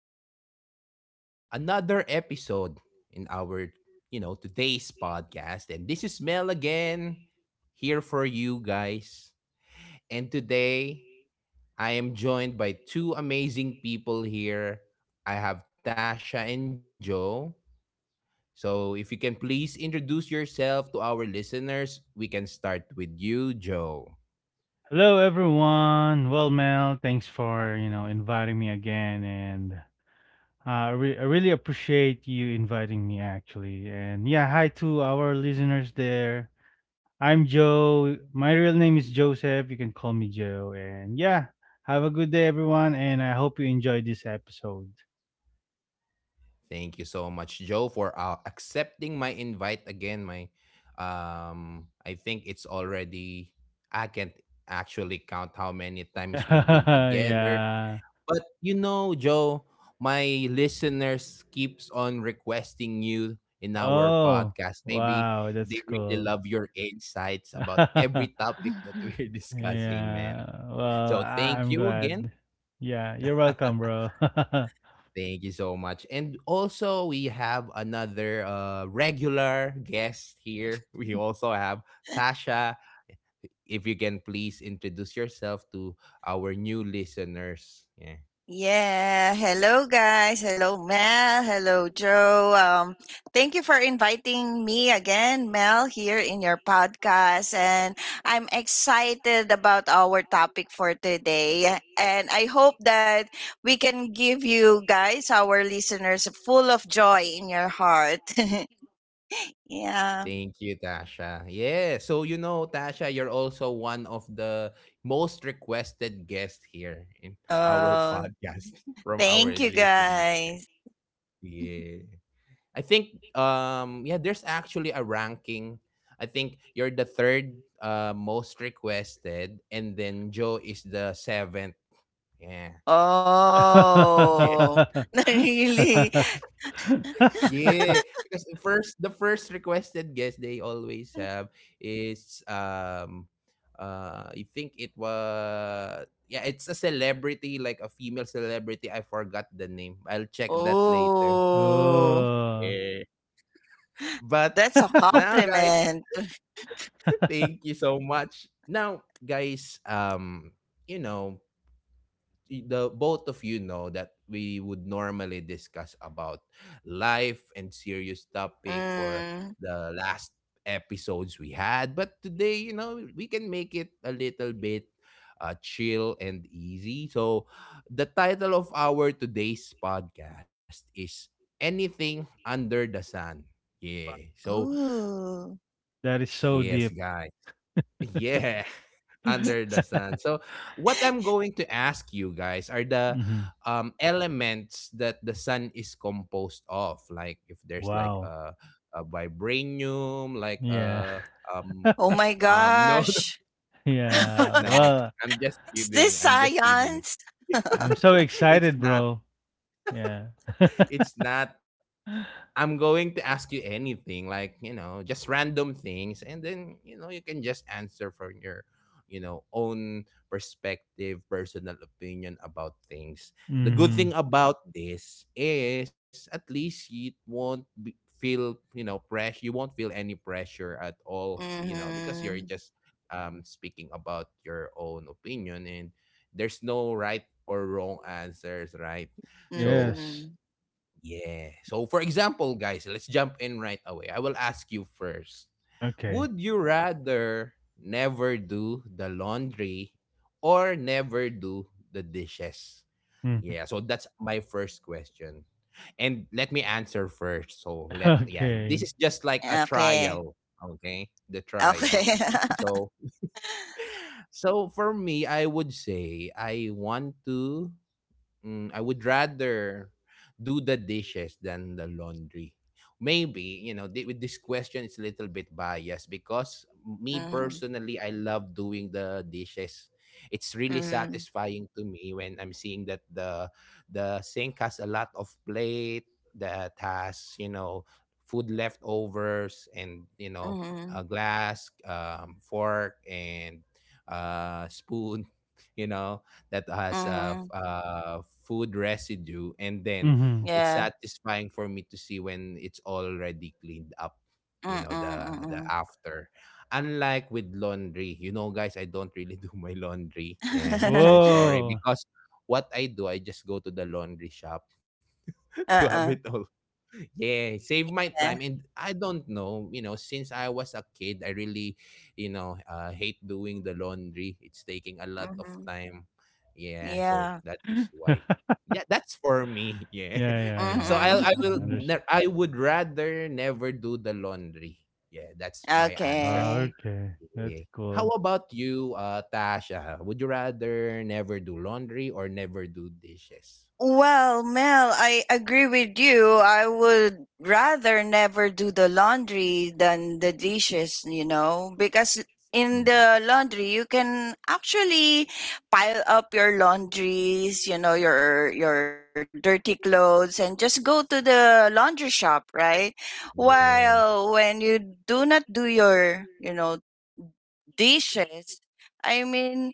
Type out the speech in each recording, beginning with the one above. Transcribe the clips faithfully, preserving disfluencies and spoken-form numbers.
another day, another episode in our, you know, today's podcast. And this is Mel again, here for you guys. And today, I am joined by two amazing people here. I have Tasha and Joe. So if you can please introduce yourself to our listeners, we can start with you, Joe. Hello everyone. Well, Mel, thanks for, you know, inviting me again and uh, I, re- I really appreciate you inviting me actually. And yeah, hi to our listeners there. I'm Joe. My real name is Joseph. You can call me Joe. And yeah, have a good day everyone and I hope you enjoyed this episode. Thank you so much, Joe, for uh, accepting my invite again. My, um, I think it's already. I can't actually count how many times we've been together. Yeah. But you know, Joe, my listeners keeps on requesting you in our Oh, podcast. Maybe wow, that's they really cool. love your insights about every topic that Mhm. we're discussing, Yeah. man. Well, So thank I'm you glad. again. Yeah, you're welcome, bro. Thank you so much. And also, we have another uh, regular guest here. We also have Tasha. If you can please introduce yourself to our new listeners. Yeah. Yeah. Hello, guys. Hello, Mel. Hello, Joe. Um, thank you for inviting me again, Mel, here in your podcast. And I'm excited about our topic for today. And I hope that we can give you guys, our listeners, full of joy in your heart. yeah. Thank you, Tasha. Yeah. So, you know, Tasha, you're also one of the most requested guests here in our Oh, podcast from our thank you, listeners. guys. Yeah. I think um yeah, there's actually a ranking. I think you're the third uh most requested and then Joe is the seventh. Yeah. Yeah. Oh, really? Yeah, because the first the first requested guest they always have is um uh I think it was yeah, it's a celebrity like a female celebrity. I forgot the name. I'll check that later. Oh. Oh. Yeah. But That's a now guys compliment. thank you so much. Now, guys, um, you know, y- the both of you know that we would normally discuss about life and serious topic for Mm. the last episodes we had, but today, you know, we can make it a little bit uh, chill and easy. So, the title of our today's podcast is Anything Under the Sun. Yeah. So, Ooh. That is so deep. yes, guys. Yeah, under the sun. So, what I'm going to ask you guys are the Mhm. um, elements that the sun is composed of. Like if there's like Wow. a, a vibranium, like Yeah. a um, Oh the, my um, no, gosh. Yeah. no, Well, I'm just Is this kidding. I'm just kidding. science? I'm so excited, it's bro. not. Yeah. It's not I'm going to ask you anything, like, you know, just random things. And then, you know, you can just answer from your, you know, own perspective, personal opinion about things. The good Mhm. thing about this is at least you won't be, feel, you know, pressure. You won't feel any pressure at all, you know, because you're Mhm. just um, speaking about your own opinion and there's no right or wrong answers, right? So, Yes. Mm. yeah. So for example, guys, let's jump in right away. I will ask you first. Okay. Would you rather never do the laundry or never do the dishes? Mhm. Yeah, so that's my first question. And let me answer first. So let yeah, this Okay. is just like a Okay. trial, okay? The trial. Okay. So so for me, I would say I want to mm, I would rather do the dishes than the laundry. Maybe, you know, thi- with this question, it's a little bit biased because me Mhm. personally, I love doing the dishes. It's really Mhm. satisfying to me when I'm seeing that the the sink has a lot of plate that has, you know, food leftovers and, you know, a Mhm. glass, um, fork and uh, spoon, you know that has uh, f- Mhm. uh, food residue, and then Mhm. it's Yeah. satisfying for me to see when it's already cleaned up. You Mm, know the mm, the mm, after, unlike with laundry. You know, guys, I don't really do my laundry. Yeah, I'm so mm. sorry Whoa. because what I do, I just go to the laundry shop to have it Uh-uh. all yeah, save my Yeah. time and I don't know, you know, since I was a kid, I really, you know, uh, hate doing the laundry. It's taking a lot of Mhm. time. Yeah, so Yeah. that is why. Yeah, that's for me. Yeah. Yeah, yeah, So yeah. I Mhm. I I will understand. ne- I would rather never do the laundry. Yeah, that's my answer. Ah, Okay. okay. That's Yeah. How cool. about you, uh, Tasha? Would you rather never do laundry or never do dishes? Well, Mel, I agree with you. I would rather never do the laundry than the dishes, you know, because Mm, in the laundry you can actually pile up your laundries, you know, your your dirty clothes and just go to the laundry shop, right? yeah. While when you do not do your, you know, dishes, I mean,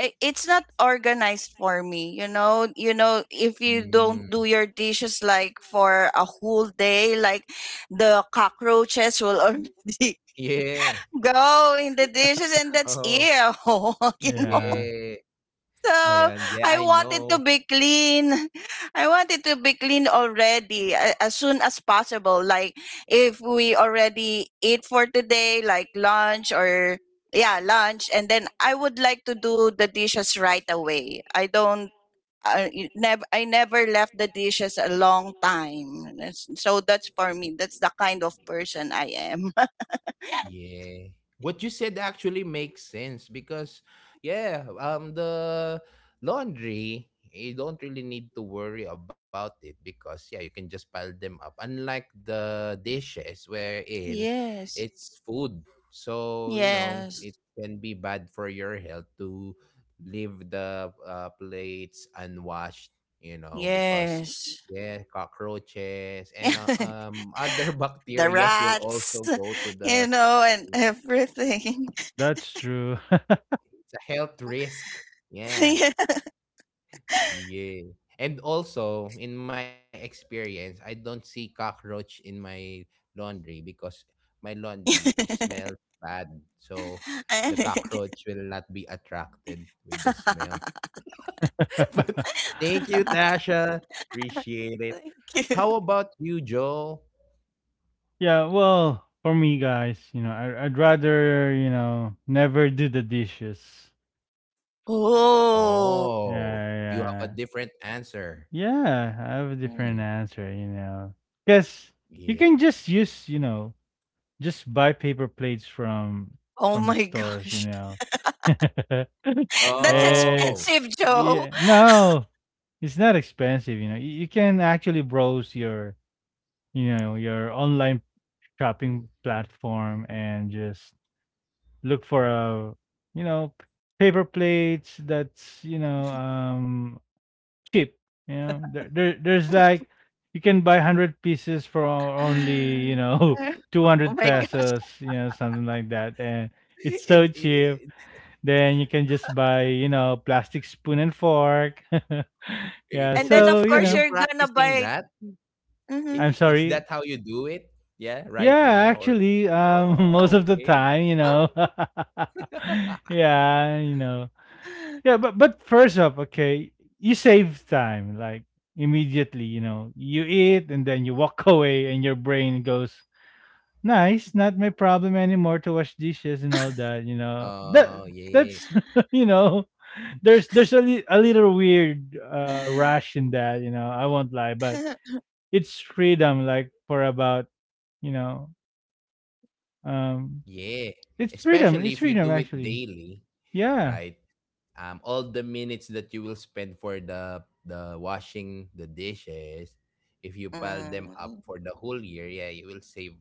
i- it's not organized for me, you know. You know if you don't Mm, do your dishes like for a whole day, like the cockroaches will already yeah. go in the dishes, and that's Oh, ew, you know, Yeah, yeah. Oh, so yeah. Yeah, I I want it to know. be clean. I want it to be clean already a- as soon as possible. Like if we already eat for today, like lunch or yeah, lunch, and then I would like to do the dishes right away. I don't. I never, I never left the dishes a long time. That's- So that's for me. That's the kind of person I am. Yeah. What you said actually makes sense because yeah, um the laundry you don't really need to worry about it because yeah, you can just pile them up. Unlike the dishes wherein yes. it's food. So, you know, Yes. it can be bad for your health to leave the uh, plates unwashed, you know, because Yes. yeah, cockroaches and uh, um other The bacteria will rats, also go to you the know, and it's everything. that's true. a health risk. Yeah. Yeah. Yeah. And also, in my experience, I don't see cockroach in my laundry because my laundry it smells Thank bad. So the cockroach will not be attracted with the smell. but thank you, Tasha. Appreciate it. you. How about you, Joe? Yeah, well, for me, guys, you know, I I'd rather, you know, never do the dishes. Oh. Oh, you have a Yeah, different answer. yeah. Yeah, I have a different Mm, Mm. answer, you know, because yeah. you can just use, you know, just buy paper plates from Oh from the my stores, you gosh. know. That's Eh, Oh, expensive, Joe. yeah, no, it's not expensive, you know. You, you can actually browse your, you know, your online shopping platform and just look for a, you know, p- paper plates that's, you know, um cheap. You know, there, there there's like you can buy hundred pieces for only you know two Oh my hundred gosh. pesos, you know, something like that, and it's and, so eh, cheap. Then you can just buy you know plastic spoon and fork. eh, Yeah, w- And then is so of are you course you know, you're gonna practicing buy that? I- hmm I'm i- Is that sorry. how you do it? Yeah, right Yeah, now or actually, um, oh, most of the okay. time, you know, yeah, you know, yeah, but but first up, okay, you save time like immediately. You know, you eat and then you walk away, and your brain goes, "Nice, not my problem anymore to wash dishes and all that." You know Oh that yeah, that's you know, there's there's a, li- a little weird uh, rush in that. You know, I won't lie, but it's freedom like for about you know um yeah. it's freedom Especially it's if you freedom do it actually. daily, Yeah, right? Um, all the minutes that you will spend for the the washing the dishes, if you pile them up Mm, for the whole year, yeah, you will save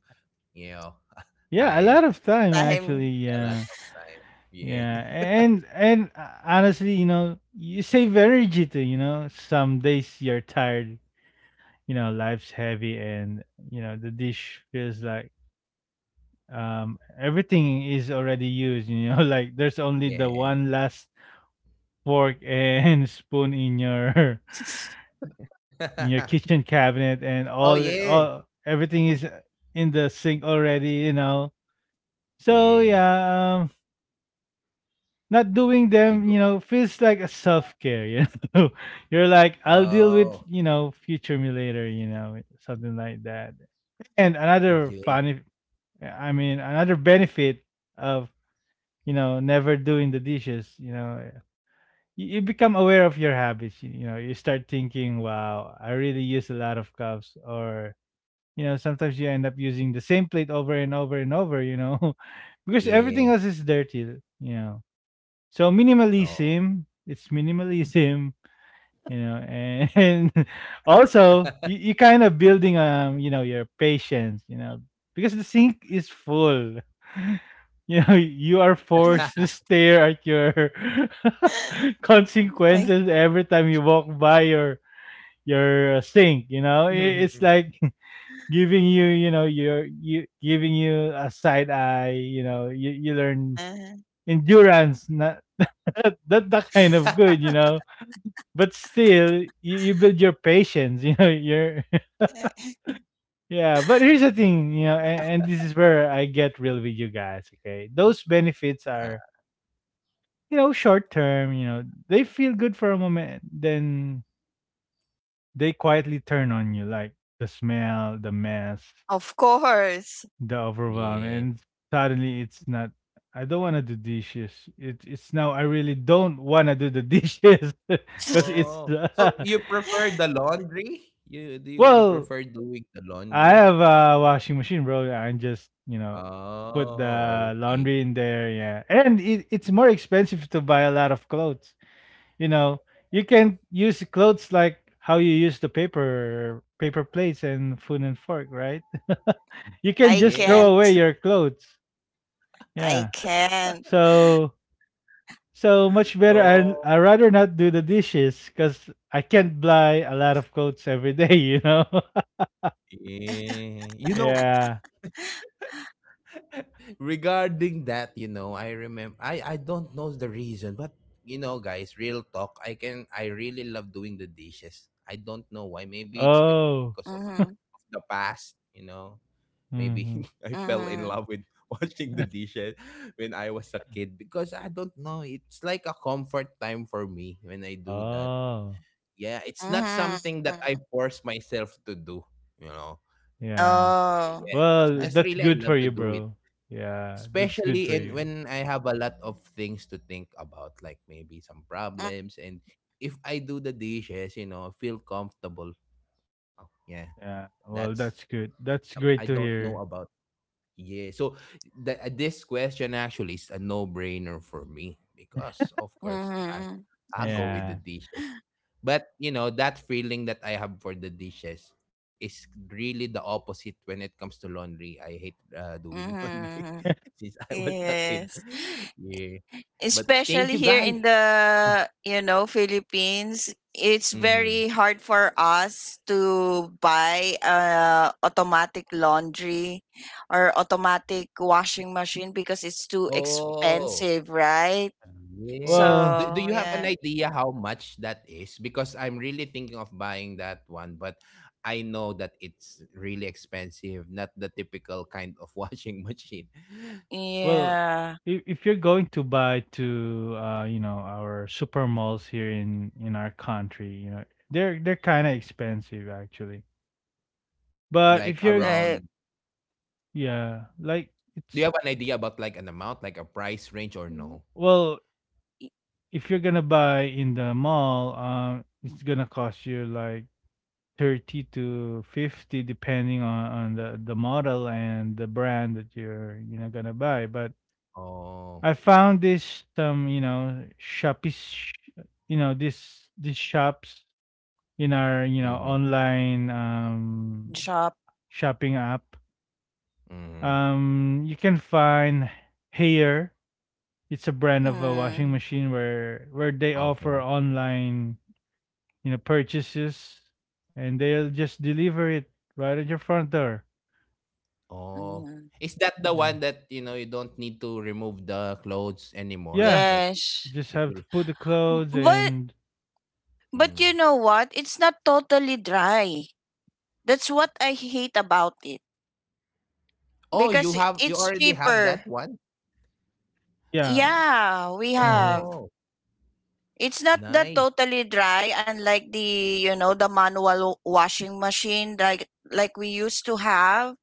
you know yeah, a time lot of time actually, time a lot yeah. of time. Yeah, Yeah, and and uh, honestly, you know, you save energy too. You know, some days you're tired. You know, life's heavy, and you know the dish feels like um everything is already used. You know, like there's only the yeah. one last fork and spoon in your in your kitchen cabinet, oh and yeah, all all everything is in the sink already. You know, so yeah. yeah, um, not doing You go them, you know, feels like a self care. You know, you're like, I'll deal oh, with, you know, future me later. You know, something like that. And another yeah, funny, I mean, another benefit of you know never doing the dishes. You know, you, you become aware of your habits. You, you know, you start thinking, wow, I really use a lot of cups, or you know, sometimes you end up using the same plate over and over and over. You know, because everything yeah. else is dirty. You know so Oh, minimalism, it's minimalism, you know, and, and also you, you kind of building um, you know, your patience, you know, because the sink is full. You know, you are forced to stare at your My consequences every time you walk by your your sink, you know. I- It's like giving you, you know, your you giving you a side eye, you know, you, you learn God. endurance, not that, that that kind of good, you know. But still, you, you build your patience, you know. You're yeah. But here's the thing, you know, and, and this is where I get real with you guys. Okay, those benefits uh, are you know short term. You know, they feel good for a moment, then they quietly turn on you, like the smell, the mess, Of course. the overwhelm, yeah. and suddenly it's not. I don't want to do dishes. It, it's now I really don't want to do the dishes because it's Oh, so uh, you prefer the laundry? You do you, you well, prefer doing the I laundry? have a washing machine, bro. I just, you know, put Oh, the okay. laundry in there. Yeah. And it, it's more expensive to buy a lot of clothes. You know, you can use clothes like how you use the paper paper plates and food and fork, right? You can I Yeah. just throw away can't. your clothes. I Yeah. can't. So so much better. Oh, I I rather not do the dishes because I can't buy a lot of clothes every day. You know. yeah. You know, Yeah. regarding that, you know, I remember I I don't know the reason, but you know, guys, real talk, I can I really love doing the dishes. I don't know why. Maybe it's because of, Oh. of Mm-hmm. the past, you know. Maybe Hmm. I fell in love Mm-hmm. with washing the dishes when I was a kid because I don't know, it's like a comfort time for me when I do that. Oh, Yeah, it's not something that Mm-hmm. I force myself to do, you know. yeah. Oh. Yeah, it's Well, Okay. just that's really I good love for to you, do it bro. Yeah, that's good especially for in you. when I have a lot of things to think about, like maybe some problems, and if I do the dishes, you know, feel comfortable. Oh, yeah, Yeah. that's Well, that's good. some- That's I great don't to know hear. about. Yeah, so th- this question actually is a no-brainer for me because, of course, I Mm-hmm. I go with the Yeah. dishes. But you know, that feeling that I have for the dishes is really the opposite when it comes to laundry. I hate uh, doing laundry Mm-hmm. since I was a kid. Yes. Yeah. But thank Especially you here guys. in the, you know, Philippines, it's Mhm. very hard for us to buy uh automatic laundry or automatic washing machine because it's too Oh, expensive, right? yes. Well, Do, do So you have an yeah, idea how much that is? Because I'm really thinking of buying that one, but I know that it's really expensive, not the typical kind of washing machine. well, yeah, if if you're going to buy to uh, you know, our super malls here in in our country, you know, they're they're kind of expensive actually. Like But if you're around uh, yeah, like Do you have it's an idea about like an amount, like a price range or no? well, if you're gonna buy in the mall, um, it's gonna cost you like thirty to fifty depending on, on the, the model and the brand that you're you know gonna buy, but Oh. I found this some you know shopee sh- you know this these shops in our you know Mm-hmm. online um shop. shopping app. Mm-hmm. um you can find hair. It's a brand of a washing Hmm. machine where where they offer Okay. online you know purchases and they'll just deliver it right at your front door. Oh. Mm, Is that the Yeah. one that, you know, you don't need to remove the clothes anymore? Yeah, Like yes, just it have to will put the M- clothes, but and but you mm. know what? It's not totally dry. That's what I hate about it Oh, you because have you it's already have cheaper. that one? yeah, Yeah, we mhm. have. Oh, It's not that nice. totally dry, unlike the, you know, the manual washing machine, like like we used to have.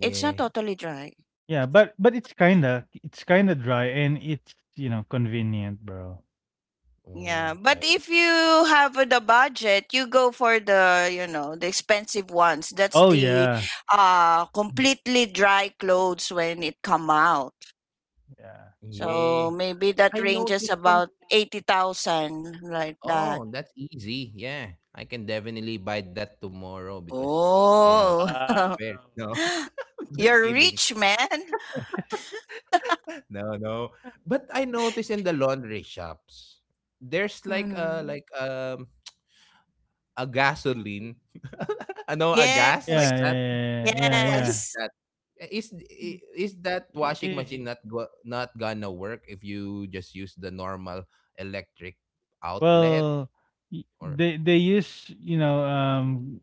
It's not totally dry. Yeah. But but it's kinda it's kinda dry and it's you know convenient, bro. Yeah, Oh, but I if you have the budget, you go for the, you know, the expensive ones. That's Oh the yeah. uh Mm, completely dry clothes when it come out. yeah. yeah. So maybe that I ranges noticed from about eighty thousand, like that. oh, that's easy. Yeah. I can definitely buy that tomorrow because you know it's Oh, very Wow. no just You're kidding. rich, man. No, no. But I noticed in the laundry shops, there's like a Hmm. like um a gasoline. I know a gas like Yes. Yeah, that. yeah, yeah, yeah, Wh- Why is yeah. Yes. that? Is i- is that I- I- washing machine I- not go, not gonna work if you just use the normal electric outlet well, y- or they they use you know um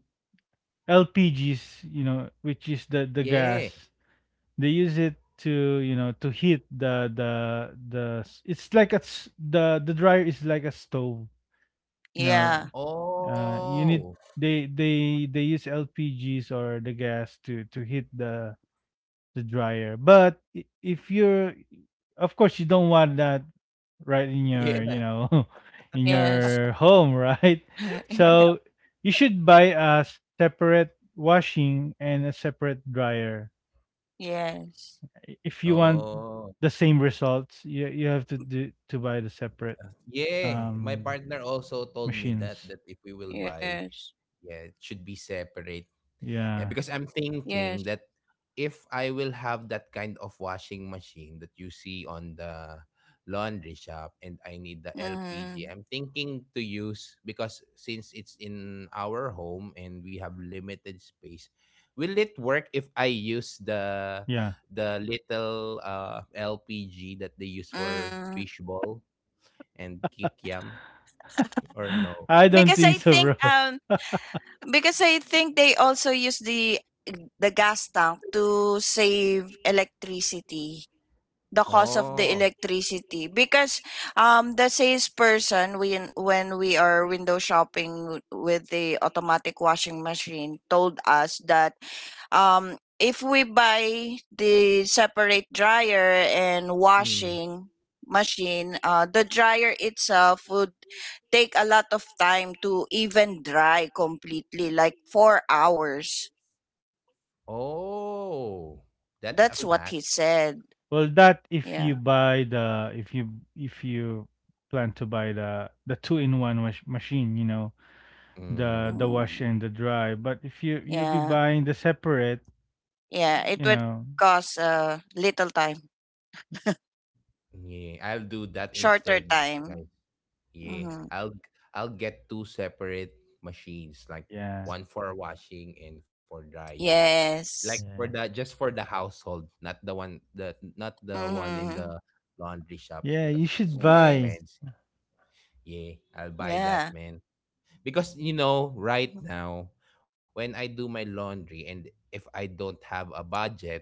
L P Gs, you know, which is the the yeah. gas. They use it to you know to heat the the the it's like a s- the the dryer is like a stove you know Yeah. uh you need Oh, they they they use L P Gs or the gas to to heat the the dryer, but i- if you're of course you don't want that right in your you yeah. know in Yes. your home right, so you should buy a separate washing and a separate dryer. yes. I- if you want Oh, the same results, you you have to do to buy the separate yeah. My um partner also told me that machines. that if we will buy, Yes. yeah, it should be separate. Yeah, Yeah. because I'm Yes. thinking that if I will have that kind of washing machine that you see on the laundry shop and I need the L P G, Mm. I'm thinking to use because since it's in our home and we have limited space, will it work if I Yeah. use the the little uh, L P G that they use for Mm. fishball and kikiam or no? I Because don't I think think so, bro. um because I think they also use the the gas tank to save electricity, the cost of the Oh. electricity, because um the salesperson when when we are window shopping with the automatic washing machine told us that um if we buy the separate dryer and Hmm. washing machine, uh, the dryer itself would take a lot of time to even dry completely, like four hours. Oh, that's a That's fact. what he said, Well, that if you yeah. buy the if you if you plan to buy the the two-in-one wash machine, you know, the Mm, the wash Mm. and the dry. But if you you'll be Yeah. buying the separate, Yeah, it you would know, cost uh, little time, yeah, I'll do that shorter instead, time. guys. Yeah, Mm-hmm. I'll I'll get two separate machines, like yeah, one for washing and for drying. Like Yes. for the yeah, just for the household, not the one the not the one in Mm-hmm. the laundry shops yeah. because You it's should buy. Yes. expensive. Yeah, I'll Yeah. buy that, man. Because you know, right now, when I do my laundry and if I don't have a budget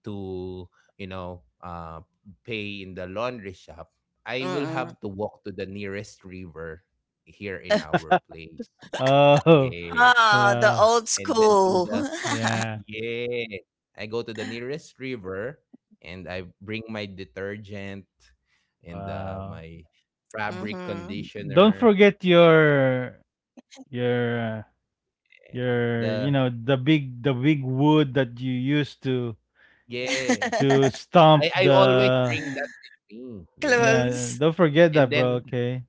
to, you know, uh, pay in the laundry shop, I will Mm-mm. have to walk to the nearest river here in our place. Oh, Yeah. Ah, the wow, And old then to the school. yeah, yeah. I go to the nearest river and I bring my detergent and uh, wow. my fabric Mm-hmm. Don't conditioner forget and your your uh, uh, your you the know the big the big wood that you used to yes. to stomp I I always the bring that with me. Yeah. yeah Clothes. don't forget And that, bro. then Okay.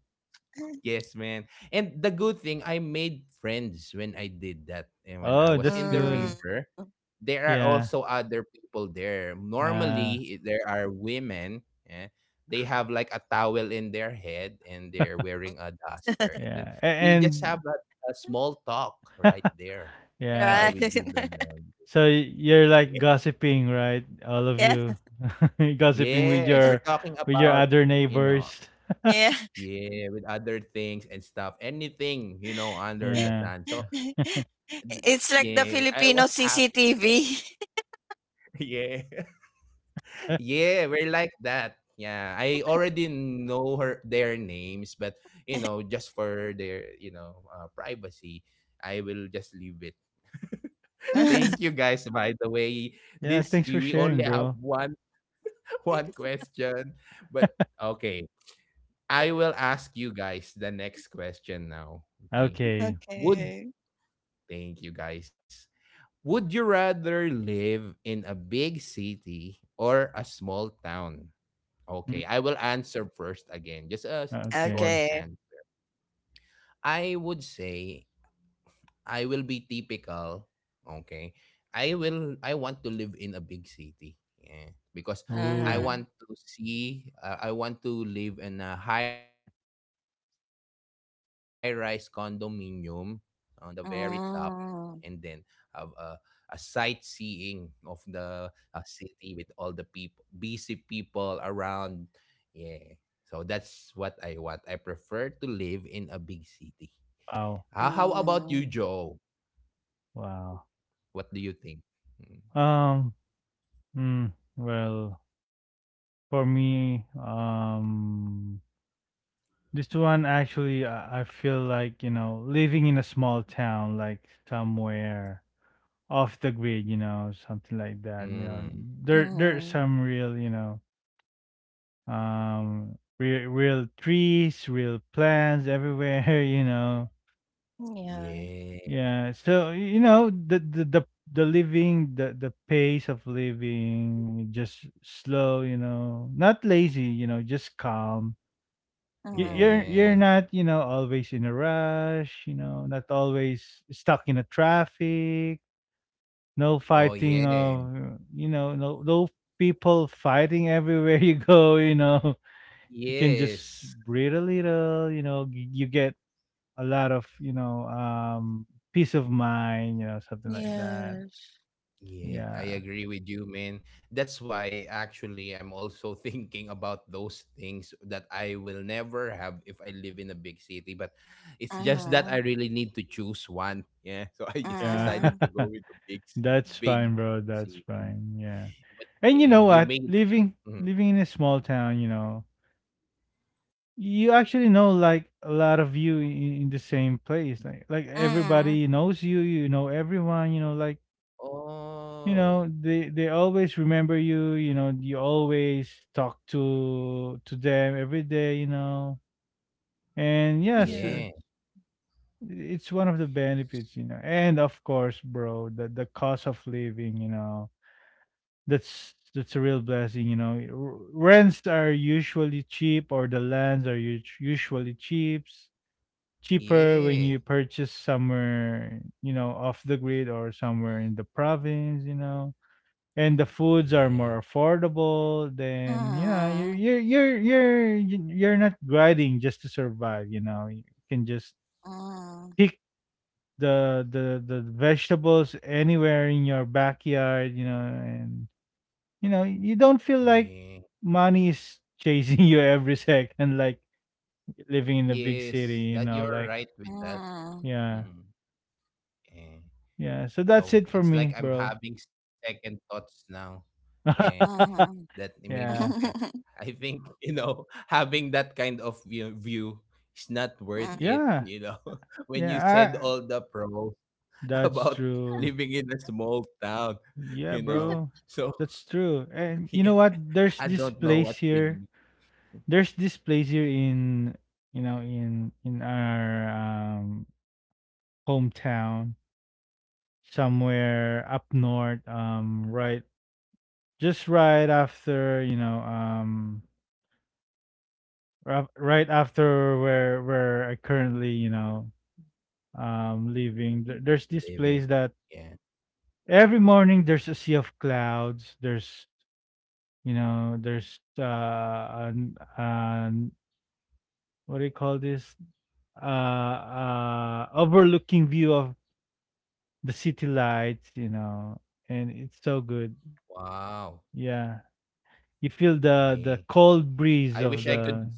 yes, man. And the good thing I made friends when I did that and when I Oh, was that's in the Mm. good. river, there are Yeah. also other people there. uh Normally there are women, yeah. They have like a towel in their head and they're wearing a duster and then yeah. A- we just And have a a small talk right there while yeah, we do the Right. laundry. so y- you're like gossiping, right, all of yeah. you? Gossiping with Yes, we're your talking with your about other you know. neighbors. Yeah. Yeah, with other things and stuff. Anything, you know, under the Yeah. sun. So, th- It's yeah, like the I was Filipino happy. C C T V. Yeah. Yeah, we're like that. Yeah, I already know her their names, but you know, just for their, you know, uh, privacy, I will just leave it. Yeah, Thank you guys by the way. This thanks for we, we sharing, only have bro. one one question, but okay. I will ask you guys the next question now, okay? Okay. Would Okay. Thank you, guys. Would you rather live in a big city or a small town? Okay, Mm, I will answer first again. Just a short okay. Okay. and I would say I will be typical, okay? I will I want to live in a big city. Yeah, because I Oh, Uh-huh. want to see uh, I want to live in a high-rise condominium on the very top and then have a a Mm, sightseeing of the uh, city with all the people busy people around. Yeah. So that's what I want. I prefer to live in a big city. wow. Ah, how about you, Joe? mm, Wow. What do you think? Mm. Um, mm, well, for me, um, this one actually, I, I feel like, you know, living in a small town, like somewhere off the grid, you know, something like that, you know, Mm. there, there's mm, some real, you know, um, real, real trees, real plants everywhere, you know, Yeah. Yeah. yeah, so you know the the the, the living the the pace of living just slow, you know, not lazy, you know, just calm. You, you're mm, you're Yeah. not you know always in a rush, you know, not always stuck in a traffic. No Oh, fighting yeah. of you know no no people fighting everywhere you go. You know you can just Yes. breathe a little. You know you, you get a lot of, you know, um, peace of mind, you know, something like that. Yes. Yeah, I Yeah. agree with you, man. That's why actually I'm also thinking about those things that I will never have if I live in a big city. But it's Uh just that huh. I really need to choose one. Yeah. So I just Yeah. decided mm, to go with the big city That's big fine, bro. That's city. fine. Yeah. But And you yeah, know you what? made Living Mhm. living in a small town, you know, you actually know like a lot of you in, in the same place. Like like mm, everybody knows you, you know everyone, you know, like you know, Oh they they always remember you, you know, you always talk to to them every day, you know. And yes, Yes. uh, yeah. it's one of the benefits, you know. And of course, bro, the the cost of living, you know, that's that's a real blessing, you know. R- Rents are usually cheap, or the lands are us- usually cheap, cheaper when you Yeah. purchase somewhere, you know, off the grid or somewhere in the province, you know. And the foods are Yeah, more affordable. Then you know you're mm, you're you're you're you're not grinding just to survive. You know you can just mm, pick the the the vegetables anywhere in your backyard, you know, and you know, you don't feel like yeah, money is chasing you every second like living in a big city, yes. you That know, you're like, right with that. mm, yeah. Mm, yeah. Yeah. So that's So it for it's like me, I'm bro. having second thoughts now. Yeah, huh. that i- maybe. Yeah, Yeah. I think you know having that kind of view, view is not worth it. Yeah. You know, when you said Yeah. I, all the pros that's about true. living in a small town, you Yeah, know. bro. So That's true. And you yeah, know what? There's I this don't know place what's with here. me There's this place here in you know in in our um hometown somewhere up north, um, right just right after, you know, um, ra- right after where where I currently, you know, um, living. There- There's this living. place that Yeah. every morning there's a sea of clouds. There's you know, there's uh, an, an what do you call this? Uh, uh, overlooking view of the city lights. You know, and it's so good. Wow. Yeah. You Yeah. feel the the I cold wish I breeze could. of the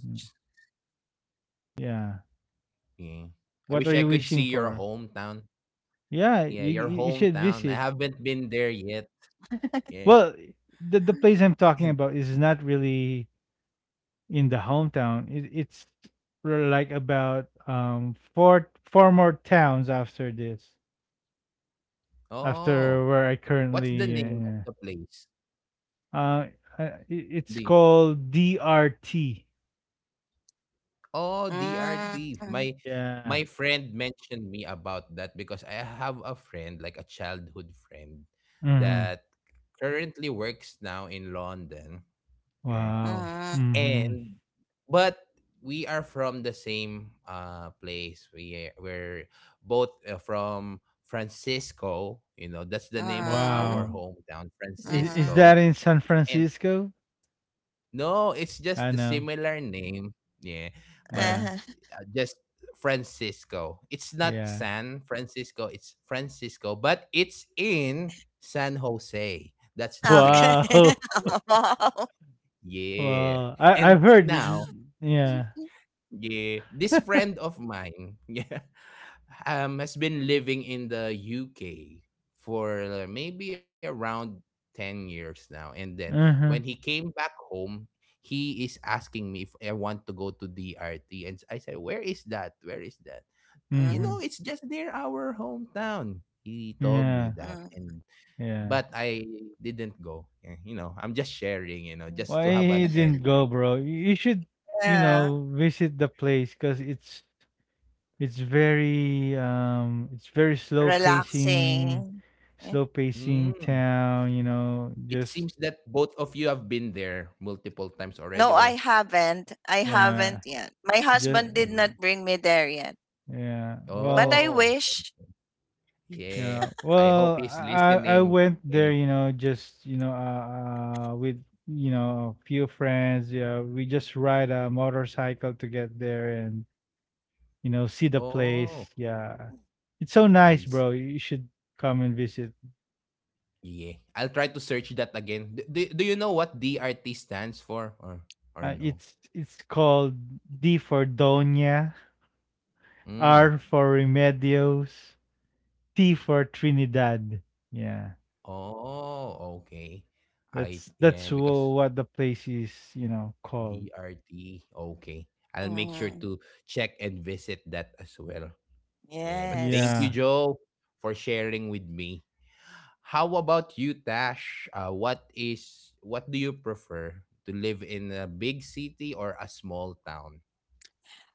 yeah. Yeah. I wish I What could are you see your wishing for? hometown. Yeah, Yeah, you your you you should hometown. I visit. haven't been there yet. Yeah. Well, the the place I'm And talking about is not really in the hometown. It, it's r- like about um four four more towns after this, oh, after where I what's the currently, name yeah, of the yeah. place? Uh, uh, it, it's The called D R T. Oh, Mm, D R T. mm, My my Yeah. friend mentioned me about that because I have a friend, like a childhood friend, Mm-hmm. that currently works now in London. eh, Wow. mm, Mm-hmm. And but we are from the same uh place. We we're both uh, from Francisco, you know, that's the name of our Wow. mm. hometown, Is is Uh-huh. Francisco. that in San And Francisco? no, it's just I the know. similar name. Yeah. But Yeah. uh, just Francisco. It's not Yeah. San Francisco, it's Francisco, but it's in San Jose. That's the name Okay. of uh, Wow. our Wow. yeah. Wow. I And I've heard. that the- now Yeah. yeah, this friend of mine, yeah, um, has been living in the U K for uh, maybe around ten years now. And then when he Uh-huh. came back home, he is asking me if I want to go to D R T. And I said, where is that? Where is that? You Mm-hmm. know, Mm, it's just near our hometown. He told me Yeah. that. mm. And Yeah. but I didn't go. Yeah, you know, I'm just sharing, you know, just Why to have he an end. didn't go, bro? You you should, you Yeah. know, visit the place because it's it's very um it's very slow pacing, Relaxing. Eh, slow pacing Hmm. town. You know, It seems just that both of you have been there multiple times already No, I or haven't. I yeah, haven't yet. My just husband did not Mm. bring me there yet. yeah. But Well, I Oh, wish. yeah. yeah. I hope Well, he's I I I listening. went Yeah. there, you know, just, you know, uh, uh with, you know, a few friends. Yeah, we just ride a motorcycle to get there and, you know, see the place. Oh, Yeah. It's so nice, I see. bro. You should come and visit. Yeah. I'll try to search that again. Do, do, do you know what D R T stands for or or Uh, no? it's it's called D for Doña, Mm. R for Remedios, T for Trinidad. Yeah. Oh, okay. I That's yeah, that's because wh- What the place is, you know, called. D R T. Okay. I'll make sure Hmm. to check and visit that as well. Yeah, but thank Yes. you, Yeah. Joe, for sharing with me. How about you, Tash? Uh, what is what do you prefer to live in a big city or a small town?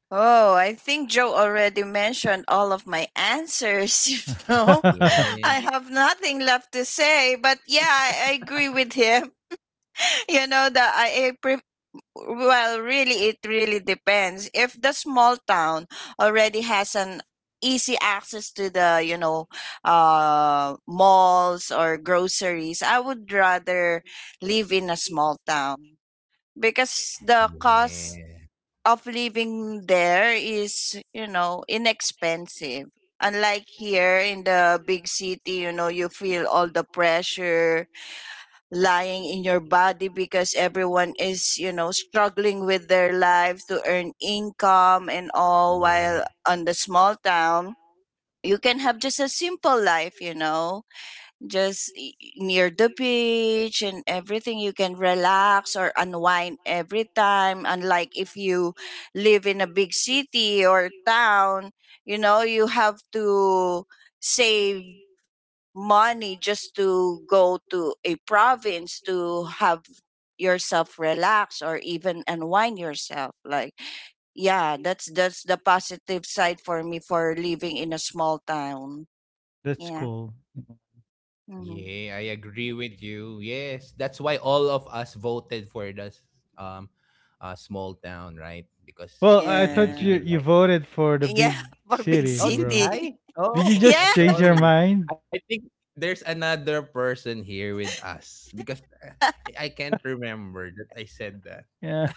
Oh, I think Joe already mentioned all of my answers, you know. I Yeah, have nothing left to say, but yeah, I, I agree with him. You know, the I, I pre- well, really it really depends. If the small town already has an easy access to the, you know, uh malls or groceries, I would rather live in a small town because the cost yeah, of living there is, you know, inexpensive. Unlike here in the big city, you know, you feel all the pressure lying in your body because everyone is, you know, struggling with their lives to earn income and all, while yeah, on the small town, you can have just a simple life, you know, just i- near the beach, and everything you can relax or unwind every time, unlike if you live in a big city or town. You know, you have to save money just to go to a province to have yourself relax or even unwind yourself. Like yeah, that's that's the positive side for me for living in a small town. That's Yeah. cool. Hmm. yeah. I agree with you. Yes, that's why all of us voted for this um, uh, small town, right? Well, Because I yeah, thought Yeah. you we you really voted for the Yeah, big for big city, Oh, bro. did city. I? Did you Yeah. just Oh, uh, change your sorry. mind? I think there's another person here with us because uh, I can't remember that I said that. Yeah.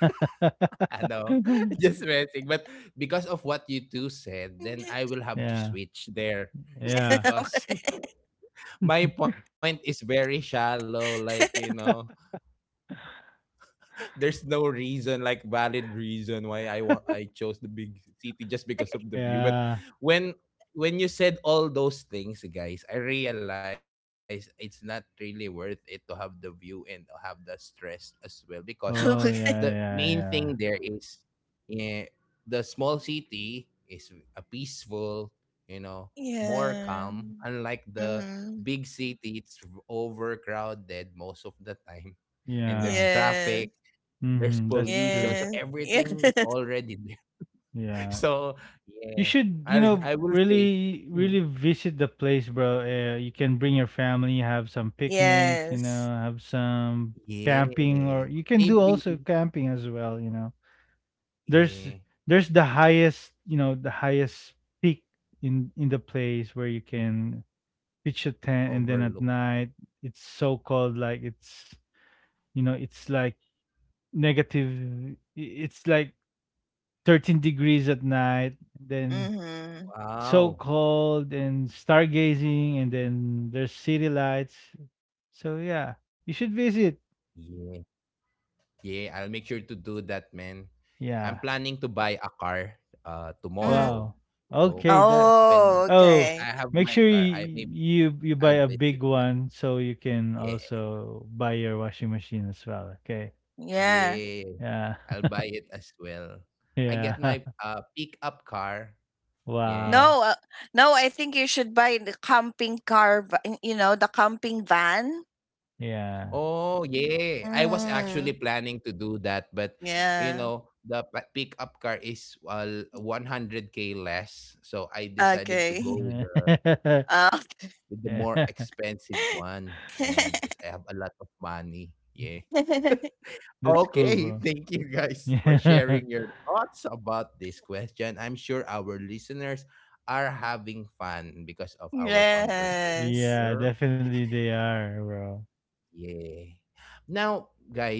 I know, just messing. But because of what you two said, then I will have to yeah. switch there Yeah. because my point is very shallow. Like, you know, there's no reason, like valid reason why i want I chose the big city just because of the view. But Yeah. when when you said all those things, guys, I realized it's not really worth it to have the view and have the stress as well. Because the Oh Okay. yeah, main thing yeah, there yeah. is, yeah, the small city is a peaceful, you know, more Yeah. calm, unlike the Mhm. big city. It's overcrowded most of the time, and there's Yeah. traffic, Yes. there's Mm-hmm. That's pollution, true. so Yes. Yeah. everything is already there. Yeah. So You yeah, should, you i know, I will say really mm, really visit the place, bro. Uh, you can bring your family, have some picnics, you Yes. know, have some camping or yeah, you can do maybe, also camping as well, you know, there's yeah. there's the highest you know the highest peak in in the place where you can pitch a tent and then at Overlook. night it's so cold like it's you know it's like negative it's like thirteen degrees at night then Mhm. so Wow. cold and stargazing and then there's city lights so yeah you should visit Yeah. Yeah, I'll make sure to do that, man. I'm yeah planning to buy a car uh Mm. wow tomorrow. okay So that Oh, when Oh, okay. I make have sure my you car, I maybe you you buy a I'll big visit one that. so you can Yeah. also buy your washing machine as well, okay? Yeah. Yeah, Yeah. I'll buy it as well. I Yeah. get my uh pickup car. Wow. No, Yeah. uh, no, I think you should buy the camping car, va- you know, the camping van. Yeah. Oh, yeah. I was actually Mm. planning to do that, but you Yeah. know, the pa- pickup car is uh, one hundred k less, so I decided to go Okay. with the Uh, with the more Yeah. expensive one. Yeah, because I have a lot of money. Yeah. That's cool, Okay, bro. thank you guys for Yeah. sharing your thoughts about this question. I'm sure our listeners are having fun because of our conversation yes. Yeah, here. definitely they are, bro. Yeah. Now, guys,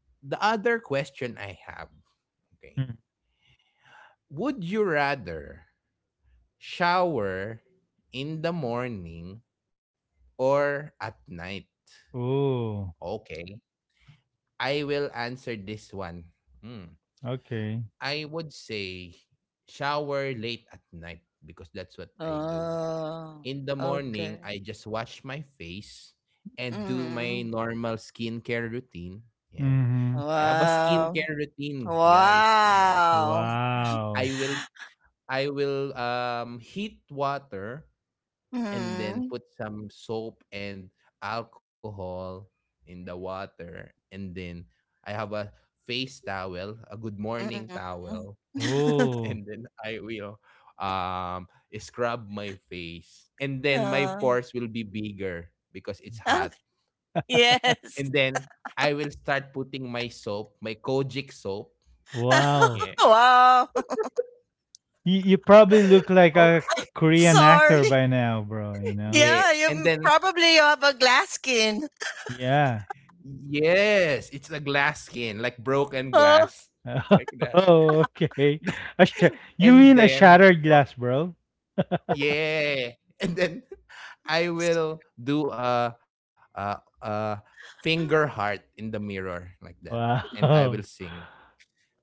the other question I have, okay, Mm. would you rather shower in the morning or at night? Oh, Okay, I will answer this one. Hmm. okay. I would say shower late at night because that's what I do. Oh, In the morning, okay. I just wash my face and do my Mm. normal skincare routine. Yeah. Mm-hmm. I have a Wow. skincare routine, guys. Yeah. Wow. I Wow. will I will um, heat water and then Mm. put some soap and alcohol in the water. And then I have a face towel, a good morning Mm. towel. And Oh, then I will um, scrub my face. And then my Oh, pores will be bigger because it's oh, hot. And yes. then I will start putting my soap, my Kojic soap. wow. Yeah. Wow. You you probably look like a Okay. Korean Sorry. actor by now, bro, you know? Yeah. Yeah, you And m- then probably you have a glass skin. Yeah. yes, it's a glass skin, like broken glass, like that. Oh, okay. A sha You And mean a then, shattered glass, bro? yeah, and then I will do a a, a finger heart in the mirror like that, and I will Wow. sing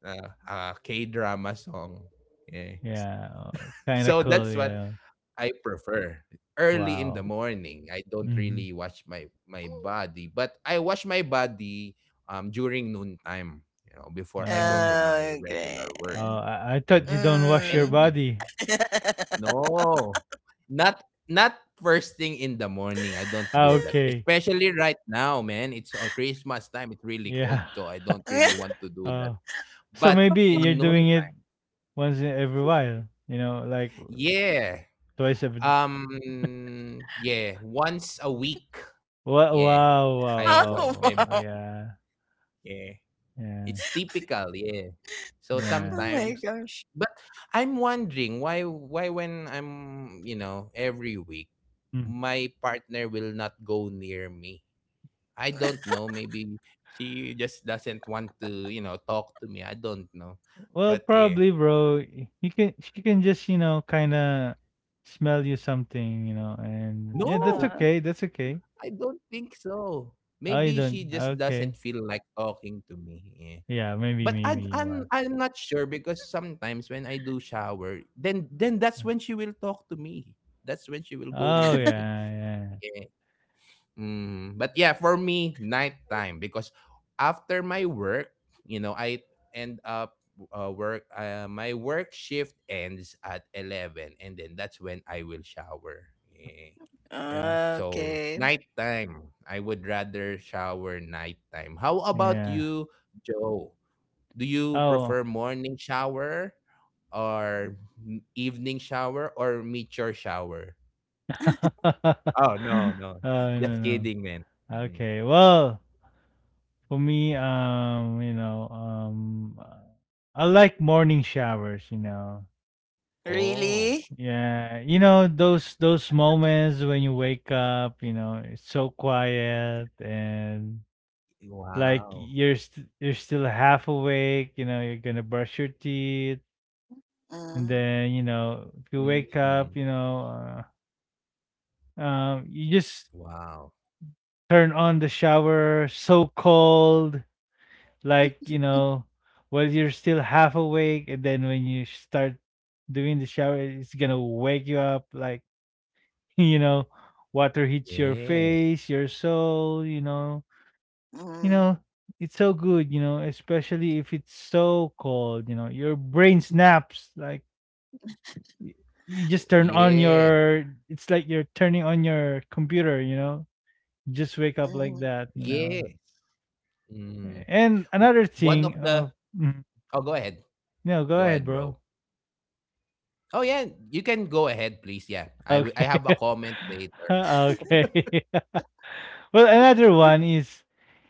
uh, a K drama song. Yeah. Yeah, oh, kinda So cool, that's what yeah. I prefer early in Wow. the morning. I don't Mhm. really wash my my body, but I wash my body um during noontime, you know, before I go to Oh, my Oh, okay. regular work. oh, I I Okay? thought you don't wash your And Mm. then body. no. Not Not first thing in the morning. I don't Ah, do that. okay. Especially right now, man. It's uh, Christmas time. It's really Yeah. cold, so I don't really want to do Uh, that. so But maybe you're in noon, doing it once in every while, you know, like yeah, twice every d Um, yeah, once a week. Yeah, wow, I wash my Oh, body. wow, wow. wow. Yeah. Yeah, it's Yeah, typical. Yeah, so yeah. Oh my sometimes, gosh. but I'm wondering why why when I'm you know every week, Mm. my partner will not go near me. I don't know. Maybe she just doesn't want to you know talk to me. I don't know, Well, but yeah, probably, bro. y- You can, she can just you know kind of smell you something, you know, and yeah, that's no, okay. That's I okay. don't think so. Maybe she Oh, you just don't. doesn't feel like Okay. talking to me. Yeah. Yeah, But I maybe, I'm maybe. Yeah. I'm not sure because sometimes when I do shower, then then that's Yeah. when she will talk to me. That's when she will go Oh, near me. yeah, Yeah. Mm. But yeah, for me, nighttime because after my work, you know, I end up uh, work. Uh, my work shift ends at eleven, and then that's when I will shower. Yeah. yeah, So Okay. nighttime, I would rather shower nighttime. How yeah, about yeah. you, Joe? Do you Oh. prefer morning shower or m- evening shower or mature shower? oh, Oh, no, no. Just no, no. kidding, man. Mm. Okay. Well, for me, um, you know, um, uh, I like morning showers. You know, Oh, Really? yeah, you know those those moments when you wake up, you know, it's so quiet and wow. like you're st- you're still half awake, you know, you're going to brush your teeth and Mm. then, you know, if you wake up, you Mm. know, uh, um you just Wow. turn on the shower, so cold, like, you know, while you're still half awake and then when you start doing the shower, it's going to wake you up like you know, water hits your Yeah. face, your soul, you know. You Mm, know, it's so good, you know, especially if it's so cold, you know. Your brain snaps like y- you Oh, just turn on yeah. your, it's like you're turning on your computer, you know. You just wake up like mm, that, you Yes. know. Mm. W- And another one of thing, the uh, mm, Oh, go ahead. no, go Go ahead, ahead, bro. bro. Oh yeah, you can go ahead, please. Yeah. I w- I Okay. have a comment later. okay. well, another one is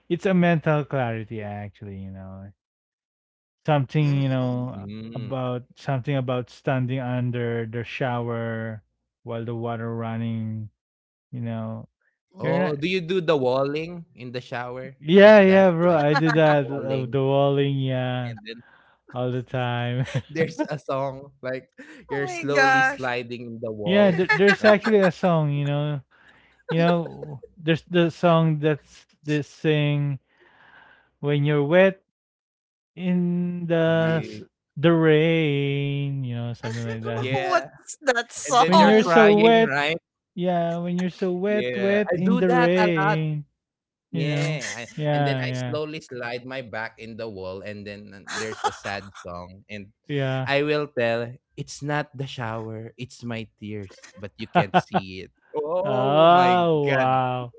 it's a mental clarity actually, you know. Something, you mm, know, Mm. about something about standing under the shower while the water running, you know. You're mm. Oh, not do you do the walling in the shower Yeah, like yeah, that? bro. Like I do that of walling the walling, yeah, and then all the time. there's a song like Oh you're my slowly gosh. sliding the yeah, there, wall there's like actually that. a song, you know. You know, there's the song that's this sing when you're wet in the Um, Yeah. s- the rain, you know, something like that. Yeah. what's that And then When you're you're song? so crying, wet. right? Yeah, when you're so wet, Yeah. wet I in do the that a lot. rain, you know. Yeah. I, and then I Yeah, slowly slide my back in the wall and then uh, there's a sad song, and yeah, I will tell it's not the shower, it's my tears, but you yeah. can't see it. Oh my oh god. wow,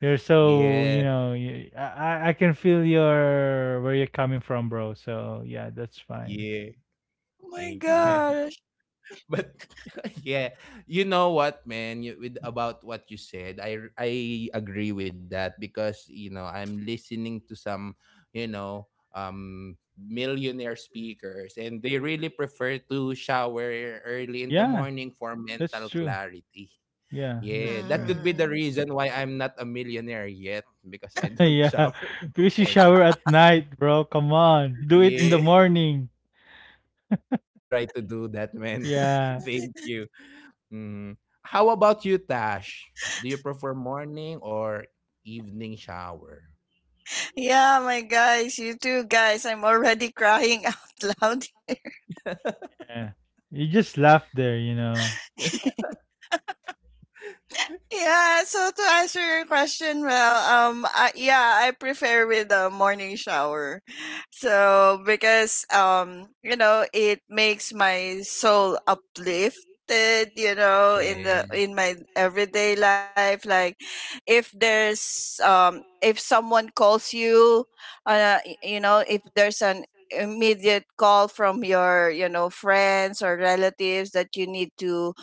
you're so Yeah, you know. You, I I I can feel your where you're coming from, bro. So yeah, that's fine. yeah. Oh my Thank you, Yeah, man. gosh. But yeah, you know what, man? You, with about what you said, I r- I agree with that because you know I'm listening to some, you know, um, millionaire speakers, and they really prefer to shower early in the yeah, morning for that's mental true. clarity. Yeah, Yeah, that's that true. could be the Mm. reason why I'm not a millionaire yet because I don't yeah, shower in the because you morning. shower at night, bro. Come on, do it in the Yeah, morning. I'll try to do that, man. Yeah, Thank you. Mm. How about you, Tash? Do you prefer morning or evening shower? Yeah, my guys, you too, guys. I'm already crying out loud. yeah. You just laugh there, you know. Yeah, so to answer your question, well, um, I, yeah, I prefer with the morning shower. So because um, you know, it makes my soul uplifted, you know, in Yeah, the in my everyday life. Like if there's um if someone calls you, uh, y- you know, if there's an immediate call from your, you know, friends or relatives that you need to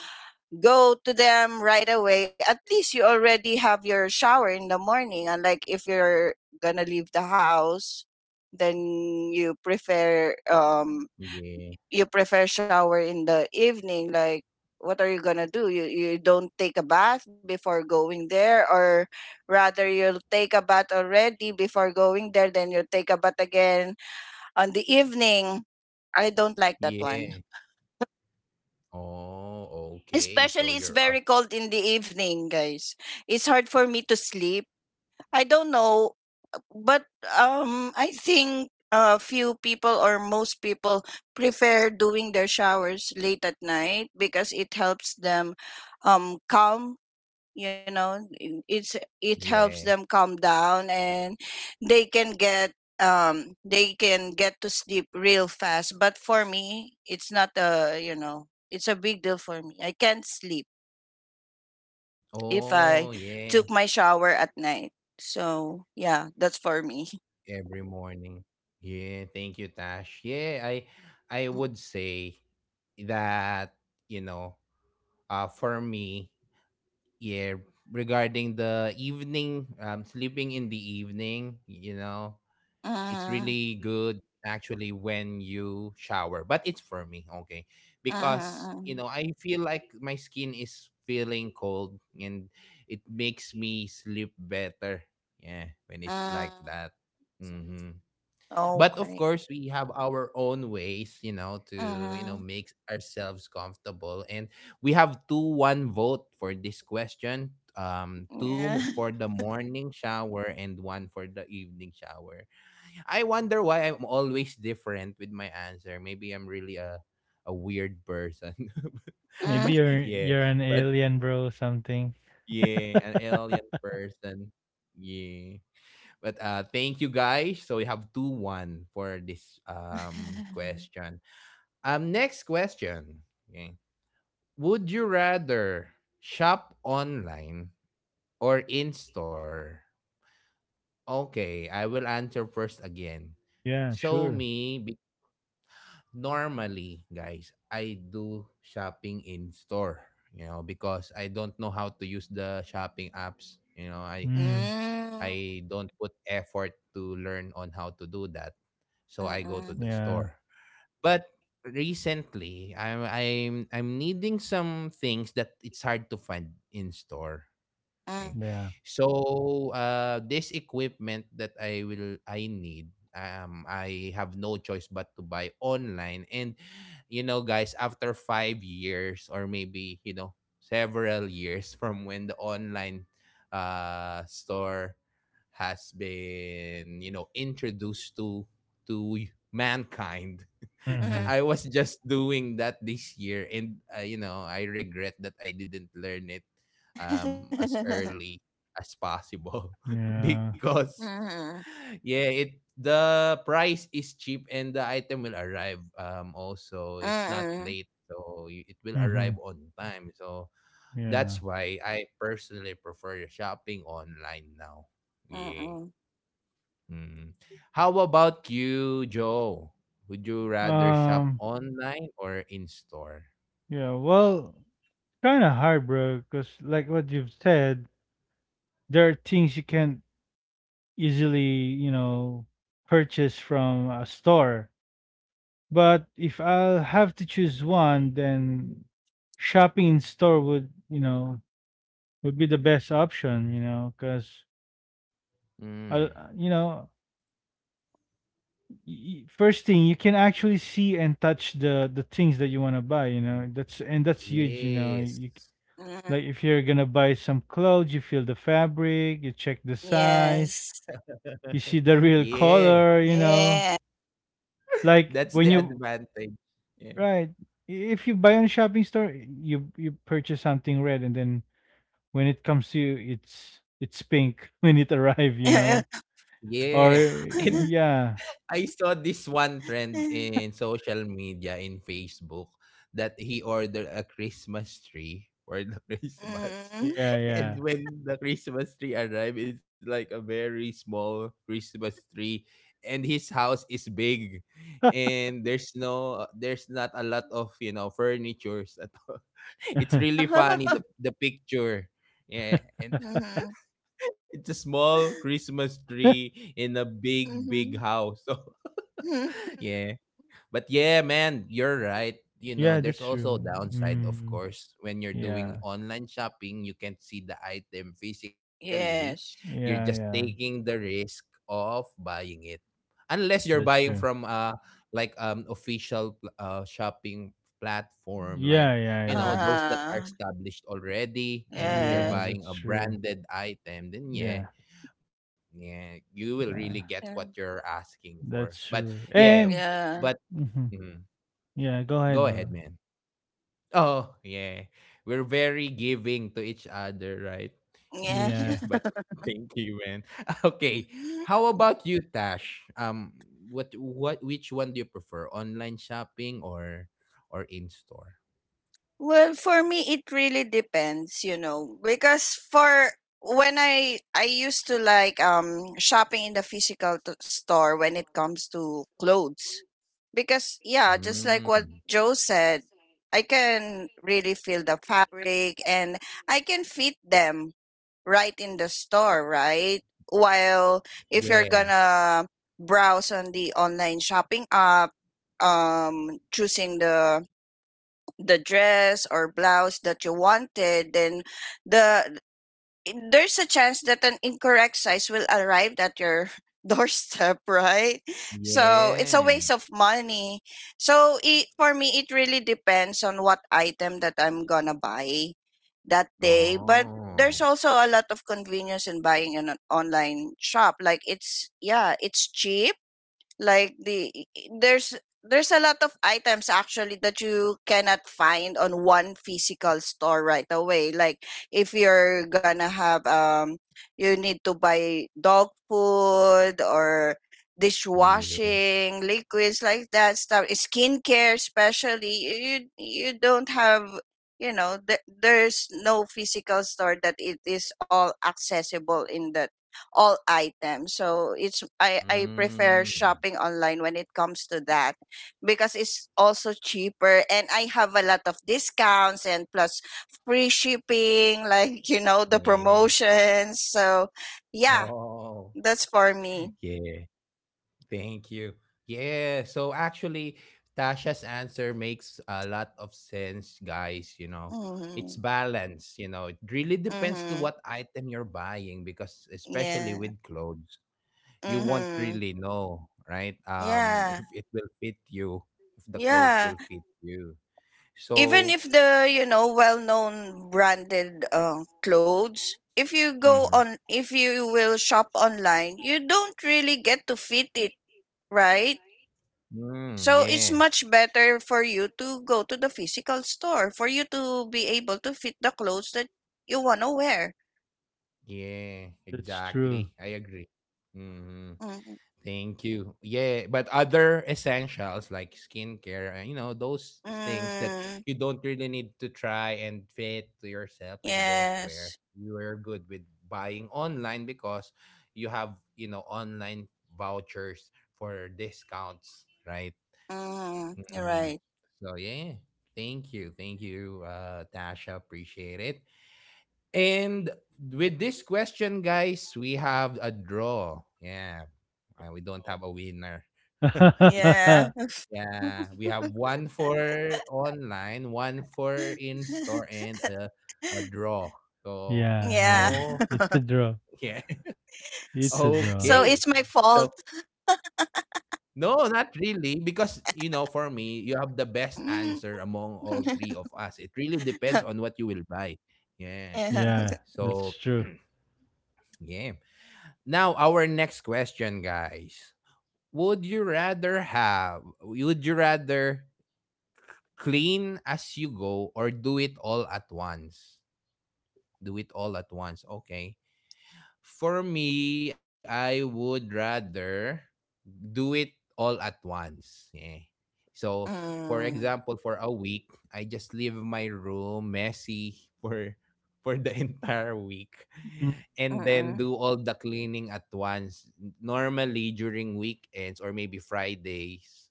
go to them right away. At least you already have your shower in the morning. And like if you're gonna leave the house, then you prefer um yeah, you prefer shower in the evening. Like what are you gonna do? You you don't take a bath before going there, or rather you'll take a bath already before going there, then you'll take a bath again on the evening. I don't like that one. yeah. Oh, okay. Especially So it's you're very up. cold in the evening, guys. It's hard for me to sleep. I don't know, but um I think uh, few people or most people prefer doing their showers late at night because it helps them um calm, you know, i- it's it helps Yeah. them calm down, and they can get um they can get to sleep real fast. But for me, it's not a, you know, it's a big deal for me. I can't sleep if I Oh, took my yeah. shower at night. So, yeah, that's for me. Every morning. Yeah, thank you, Tash. Yeah, I I would say that, you know, uh for me, yeah, regarding the evening, um sleeping in the evening, you know, it's really mm good actually when you shower, but it's for me, okay? Because, you know, mm I feel like my skin is feeling cold and it makes me sleep better. Yeah, when it's like mm that. Mm-hmm. But of Okay. course, we have our own ways, you know, to, you know, Mm-hmm. make ourselves comfortable. And we have two one vote for this question. Um, two m- Yeah. for the morning shower and one for the evening shower. I wonder why I'm always different with my answer. Maybe I'm really a a weird person. Maybe mm you're Yeah, you're an but alien, bro, or something. yeah, an alien person. Yeah. But uh thank you, guys. So we have two one for this um question. Um next question. Okay. Would you rather shop online or in store? Okay, I will answer first again. So Yeah, sure. me normally, guys, I do shopping in store, you know, because I don't know how to use the shopping apps. You know, I Mm, I don't put effort to learn on how to do that. So I go to the yeah, store. But recently, I'm I'm I'm needing some things that it's hard to find in store. Mm-mm. Working. yeah, So uh, this equipment that I will I need, um, I have no choice but to buy online. And you know, guys, after five years or maybe you know several years from when the online uh, store has been you know introduced to to mankind hmm I was just doing that this year, and uh, you know, I regret that I didn't learn it um as early as possible yeah, because Mm-mm. yeah it the price is cheap and the item will arrive um also it's not Mm-mm. late so y- it will hmm arrive on time. So yeah. that's why I personally prefer shopping online now. Yeah. Mm-mm. Mm. How about you, Joe? Would you rather shop Um, online or in store? yeah. Well, kind of hard, bro. Cause like what you've said, there are things you can't easily, you know, purchase from a store. But if I'll have to choose one, then shopping in store would, you know, would be the best option. You know, cause Mm. I, you know, y- first thing you can actually see and touch the the things that you want to buy, you know, that's, and that's huge, you know, Yes. you c- like if you're gonna buy some clothes, you feel the fabric, you check the size, Yes. you see the real Yeah. color, you know, Yeah. like That's the when you, advantage. Yeah. right, i- if you buy on a shopping store, you you purchase something red and then when it comes to you, it's it's pink when it arrive, you know, or Yeah. And yeah, I saw this one trend in social media in Facebook that he ordered a Christmas tree for the Christmas. Mm. And yeah, when the Christmas tree arrived, it's like a very small Christmas tree. And his house is big. And there's no there's not a lot of, you know, furnitures at all. It's yeah, really funny the the picture. Yeah. And Mhm. it's a small Christmas tree in a big, big Mhm. house. So yeah. But yeah, man, you're right. You know, yeah, that's there's also true. a downside, of Mm. course. When you're Yeah. doing online shopping, you can't see the item physically. Yes. You're just Yeah, yeah. taking the risk of buying it. Unless you're That's buying true. from uh like um official pl- uh shopping platform like Yeah, you yeah, know yeah. those that are Uh-huh. established already and you're Yeah, Yes. buying that's a true. branded item, then yeah, Yeah, yeah, you will really get yeah. what Yeah. you're asking for. But That's true. yeah, And Yeah. but Mhm. mhm. Yeah, go Go ahead, ahead, bro. man. Oh, yeah. We're very giving to each other, right? Yeah. Yeah, yeah, Yeah, but thank you, man. Okay. How about you, Tash? Um what what which one do you prefer? Online shopping or or in store? Well, for me, it really depends, you know, because for when I I used to like um shopping in the physical t- store when it comes to clothes, because yeah, just like what Mm. Joe said, I can really feel the fabric, and I can fit them right in the store, right? While if you're Yeah. gonna browse on the online shopping app, um choosing the the dress or blouse that you wanted, then the in- there's a chance that an incorrect size will arrive at your doorstep, right? So it's a waste Yeah. of money. So it, for me it really depends on what item that I'm gonna buy that day. But there's Oh. also a lot of convenience in buying in an online shop, like it's yeah, it's cheap. Like the there's there's a lot of items actually that you cannot find on one physical store right away. Like if you're gonna have um you need to buy dog food or Yeah. dishwashing liquids, like that stuff, skincare especially. you you don't have, you know, th- there's no physical store that it is all accessible in the all items. So it's I I prefer Mm. shopping online when it comes to that because it's also cheaper, and I have a lot of discounts and plus free shipping, like, you know, the Yeah. promotions. So yeah, Oh, that's for me. yeah. Thank you. Yeah. So actually, Tasha's answer makes a lot of sense, guys. You know, it's Mhm. balance. You know, it really depends to Mhm. what item you're buying because, especially Yeah. with clothes, you won't Mhm. really know, right? Um, Yeah. if it will fit you, if the clothes Yeah. will fit you. Even if So, the, you know, well-known branded uh, clothes, if you go mm-hmm. on if you will shop online, you don't really get to fit it, right? Mm, So yeah, it's much better for you to go to the physical store for you to be able to fit the clothes that you want to wear. yeah, that's true. exactly. I agree. Mm-hmm. Mm, Thank you. Yeah, but other essentials like skincare, uh, you know, those things that mm, you don't really need to try and fit to yourself, like you don't wear, yes, you are good with buying online because you have, you know, online vouchers for discounts, right? mm, you're Mhm. right. So, yeah. Thank you. Thank you, uh, Tasha. Appreciate it. And with this question, guys, we have a draw. Yeah, Uh, we don't Oh, have a winner. It's uh, Yeah. yeah, we have one for online, one for in store, and a a draw. So yeah, yeah. yeah. no, It's a draw. yeah, It's S- a okay. draw. so So it's my fault. no, not really, because you know, for me, you have the best answer among all three of us. It really depends on what you will buy. Yeah. Yeah. Yeah, So that's true. yeah. Now, our next question, guys. Would you rather have, would you rather clean as you go or do it all at once? Do it all at once. Okay. For me, I would rather do it all at once. Yeah. So, for example, Mm. for a week, I just leave my room messy for for the entire week Mm. and then Mm-mm. do all the cleaning at once, normally during weekends or maybe Fridays.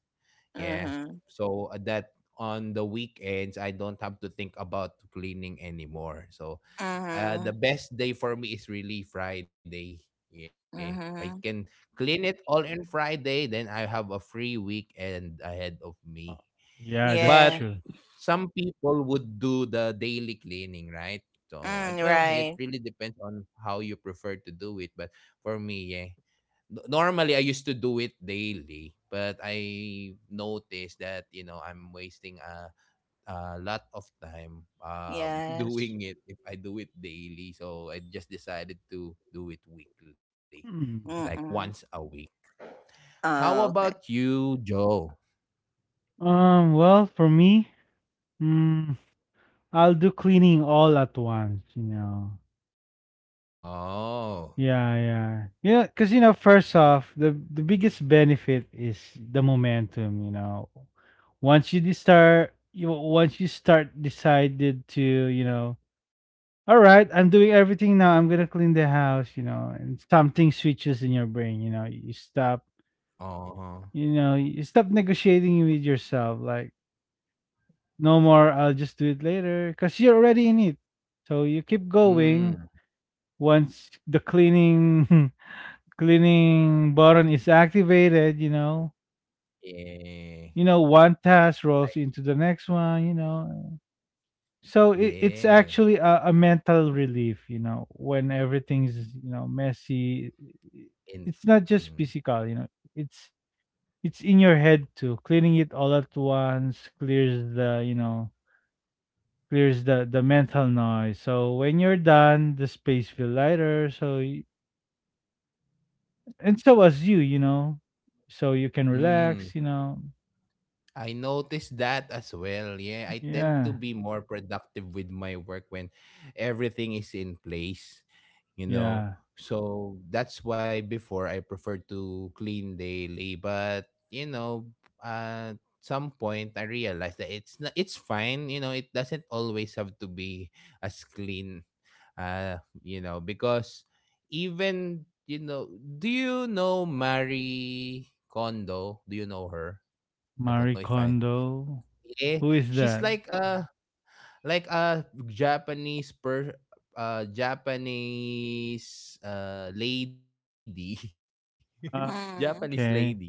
Yeah. Mhm. So uh, that on the weekends, I don't have to think about cleaning anymore. So uh, the Mhm. best day for me is really Friday. Yeah. If I Mhm. can clean it all in Friday, then I have a free weekend ahead of Uh, me. yeah, that's But Yeah. true. some people would do the daily cleaning, right? So, and- Mm, well, it right. really depends on how you prefer to do it. But for me, yeah, n- normally I used to do it daily, but I noticed that you know I'm wasting a a lot of time um Yes. doing it if I do it daily. So I just decided to do it weekly, Mhm. like Mm-mm. once a week. How Oh, okay. about you, Joe? Um, well, for me, mm, I'll do cleaning all at once, you know. Oh, Yeah, yeah. Yeah, because you know, first off, the the biggest benefit is the momentum, you know. Once you de- start you once you start decided to, you know, all right, I'm doing everything now, I'm gonna clean the house, you know, and something switches in your brain, you know, you stop oh, you know, you stop negotiating with yourself, like, no more, I'll just do it later, because you're already in it. So you keep going mm, once the cleaning cleaning button is activated, you know, yeah, you know, one task I, rolls into the next one, you know. So it, it's yeah, actually a, a mental relief, you know, when everything's, you know, messy. in. It's not just Mm. physical, you know, it's it's in your head too. Cleaning it all at once clears the, you know, clears the the mental noise. So when you're done, the space feel lighter. So y- and so as you, you know, so you can Mm, relax, you know. I noticed that as well. Yeah, I tend to Yeah, be more productive with my work when everything is in place, you know. yeah. So that's why before I prefer to clean daily, but you know, at some point I realized that it's not, it's fine, you know, it doesn't always have to be as clean uh, you know, because even you know, do you know Marie Kondo? Do you know her? I don't Marie know if I Kondo. yeah, Who is she's that? like a like a Japanese per uh Japanese uh lady. Japanese Uh, lady that Mm. is okay. uh,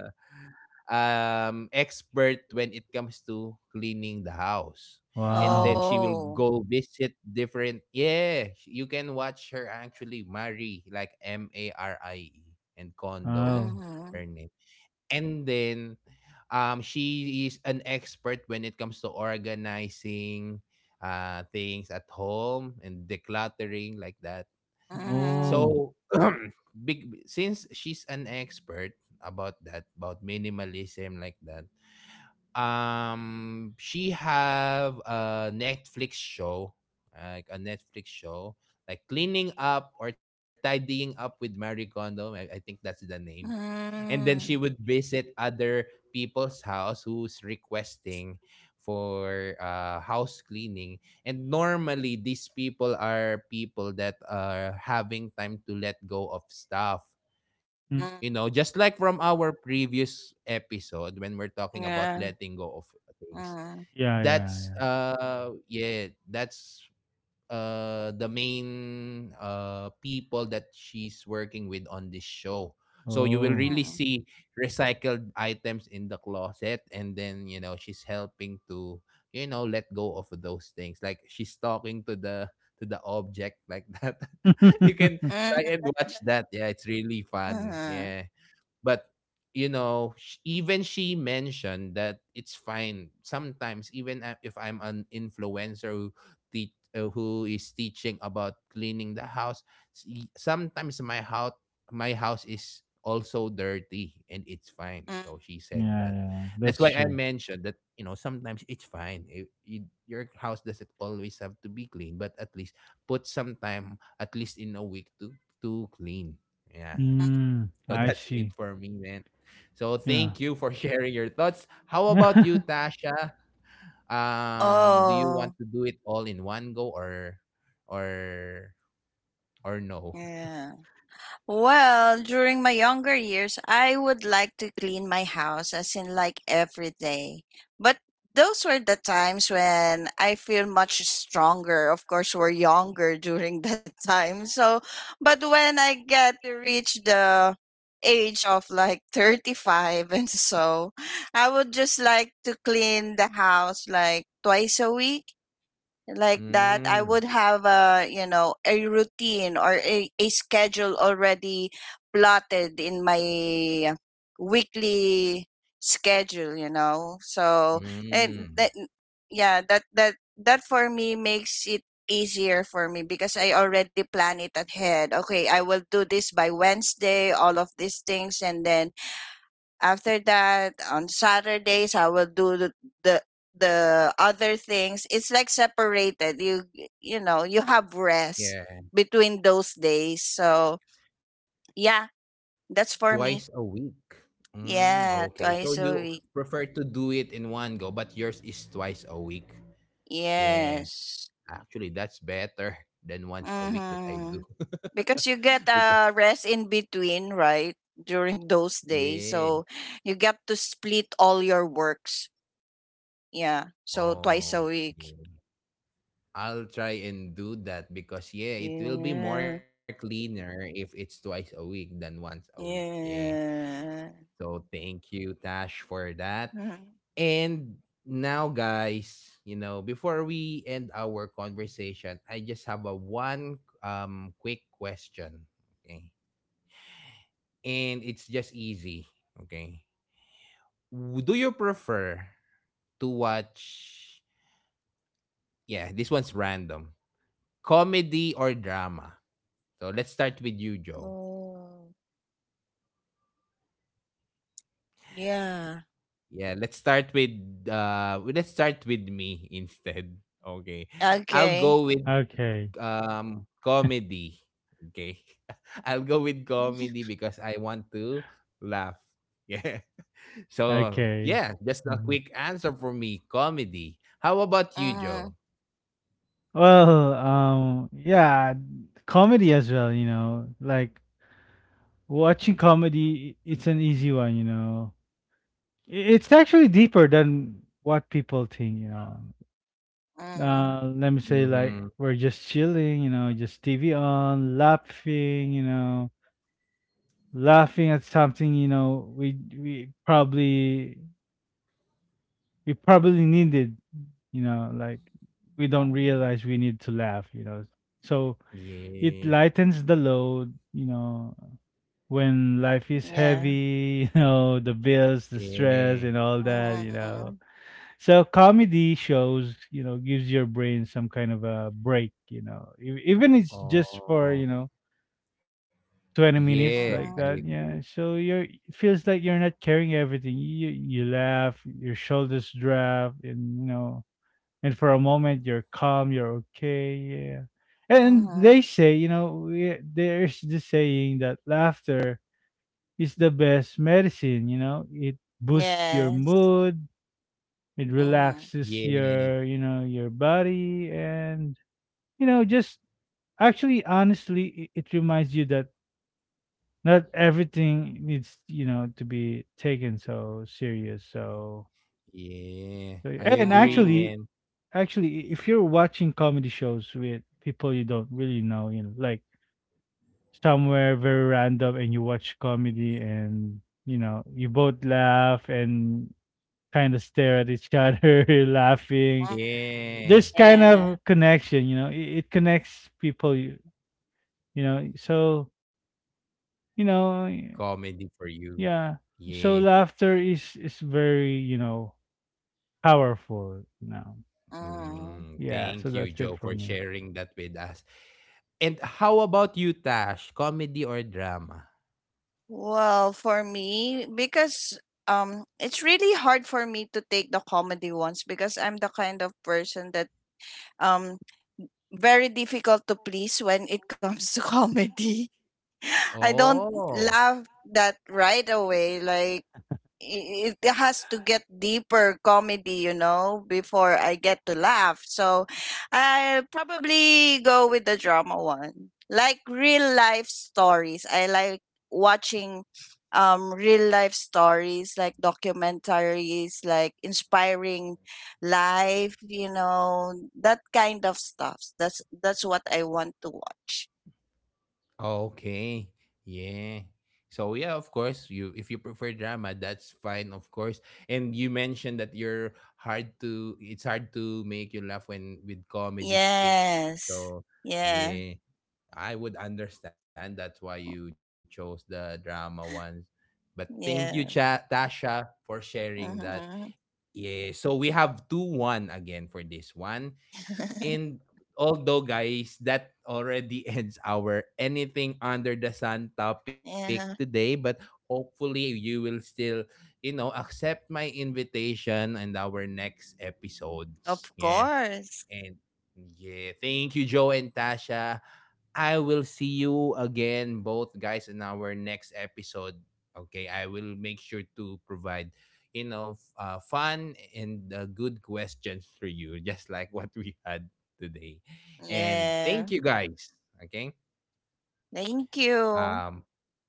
um expert when it comes to cleaning the house. And then she will Wow. go Oh. visit different, yeah, sh- you can watch her actually Mari like M A R I E and Kondo, that's Oh. her name. Mhm. And then um, she is an expert when it comes to organizing uh, things at home and decluttering like that. Mhm. Oh. So, big, since she's an expert about that, about minimalism like that, um, she have a Netflix show, like a Netflix show, like cleaning up or tidying up with Marie Kondo. I, I think that's the name. And then she would Mhm. visit other people's house who's requesting for uh, house cleaning, and normally these people are people that are having time to let go of stuff Mm. Mm, you know just like from our previous episode when we're talking about Yeah. letting go of things. Mm. yeah, yeah, yeah. that's uh yeah that's uh the main uh people that she's working with on this show. So you will Oh. really Mm-mm. see recycled items in the closet, and then you know she's helping to you know let go of those things, like she's talking to the to the object like that. You can Mm. try and watch that. Yeah, it's really fun. Mhm. Yeah, but you know, sh- even she mentioned that it's fine. Sometimes, even a- if I'm an influencer who, te- uh, who is teaching about cleaning the house, s- y- sometimes my house my house is also dirty, and it's fine. Mhm. So she said Yeah, that. yeah. That's That's why I true. mentioned that you know sometimes it's fine. It, it, your house doesn't always have to be clean, but at least put some time, at least in a week, to to clean. Yeah, Mm, so I that's it see. for me, man. So thank Yeah. you for sharing your thoughts. How about you, Tasha? Um, do you want Oh. to do it all in one go or or or no? Yeah. Well, during my younger years, I would like to clean my house, as in like every day. But those were the times when I feel much stronger. Of course, we're younger during that time. So, but when I get to reach the age of like thirty-five and so, I would just like to clean the house like twice a week. Like that, I would Mm, have a, you know, a routine or a, a schedule already plotted in my weekly schedule, you know. So and mm, that, yeah, that that that for me makes it easier for me because I already plan it ahead. Okay, I will do this by Wednesday, all of these things, and then after that, on Saturdays, I will do the, the the other things. It's like separated. You you know you have rest yeah, between those days. So yeah, that's for me. twice a week. Mm, Yeah, okay, so twice a you week. prefer to do it in one go, but yours is twice a week. Yeah, Yes. actually, that's better than once a week that I Mm-hmm. do. Because you get Because a uh, rest in between, right? During those yeah. days. So you get to split all your works. Yeah. So twice a Oh, week. yeah. I'll try and do that because yeah, it will be Yeah. more cleaner if it's twice a week than once a week. Yeah. Yeah. So thank you, Tash, for that. Mhm. And now, guys, you know, before we end our conversation, I just have a one um quick question. Okay. And it's just easy. Okay. W- Do you prefer to watch, yeah, this one's random. Comedy or drama? So let's start with you, Joe. Oh, yeah. Yeah, let's start with uh w- let's start with me instead. Okay. I'll Okay. go with Okay. um comedy. Okay. I'll go with comedy because I want to laugh. Yeah. So, Okay. yeah, just a Mhm. quick answer for me, comedy. How about you, Mhm. Joe? Well, um, yeah, comedy as well, you know. Like watching comedy, i- it's an easy one, you know. It's actually deeper than what people think, you know. Mhm. Uh, let me say like Mhm. we're just chilling, you know, just T V on, laughing, you know, laughing at something, you know, we we probably we probably needed, you know, like we don't realize we need to laugh, you know. So it Yeah. lightens the load, you know, when life is Yeah. heavy, you know, the bills, the stress Yeah. and all that, you know. Mhm. So comedy shows, you know, gives your brain some kind of a break, you know, E- even it's just for you Oh. know twenty Yeah, minutes I like Mhm. that. agree. Yeah, so you're it feels like you're not carrying everything. You you laugh, your shoulders drop, and you know, and for a moment you're calm, you're okay. Yeah, and Mhm. they say, you know, we, there's the saying that laughter is the best medicine. You know, it boosts your Yes. mood, it Mhm. relaxes Yeah. your, you know, your body and you know, just actually honestly it, it reminds you that not everything needs, you know, to be taken so serious. So, Yeah. so I yeah. And agree, Mhm. actually man. actually if you're watching comedy shows with people you don't really know, you know, like somewhere very random and you watch comedy and you know, you both laugh and kind of stare at each other laughing, there's Yeah. kind Yeah. of connection, you know, it, it connects people, you, you know, so you know, Comedy for you. yeah, Yeah. so laughter is is very you know powerful. Now, Mhm. Mm, yeah, so thank you, that's it Joe, for for me, sharing that with us. And how about you, Tash? Comedy or drama? Well, for me, because um, it's really hard for me to take the comedy ones because I'm the kind of person that um very difficult to please when it comes to comedy. I don't Oh, laugh that right away. Like i- it has to get deeper comedy, you know, before I get to laugh. So I'll probably go with the drama one. Like real life stories. I like watching um real life stories, like documentaries, like inspiring life, you know, that kind of stuff. That's that's what I want to watch. okay. Yeah. So yeah, of course, you if you prefer drama, that's fine, of course. And you mentioned that you're hard to it's hard to make you laugh when with comedy skits. Yes. So Yeah. yeah. I would understand that's why you chose the drama ones. But thank you, Cha- Yeah. Tasha, for sharing that. Mhm. Yeah, so we have two one again for this one. And although, guys, that already ends our anything under the sun topic Yeah. today, but hopefully you will still, you know, accept my invitation and our next episodes. Of Yeah. course. And yeah, thank you, Joe and Tasha. I will see you again, both guys, in our next episode. Okay, I will make sure to provide, you know, f- uh, fun and uh, good questions for you, just like what we had today. And Yeah. thank you, guys. Okay, Thank you. um,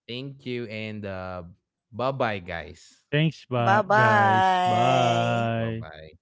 thank you, and uh, bye bye, guys. thanks Bye but guys bye. Okay, bye bye. bye.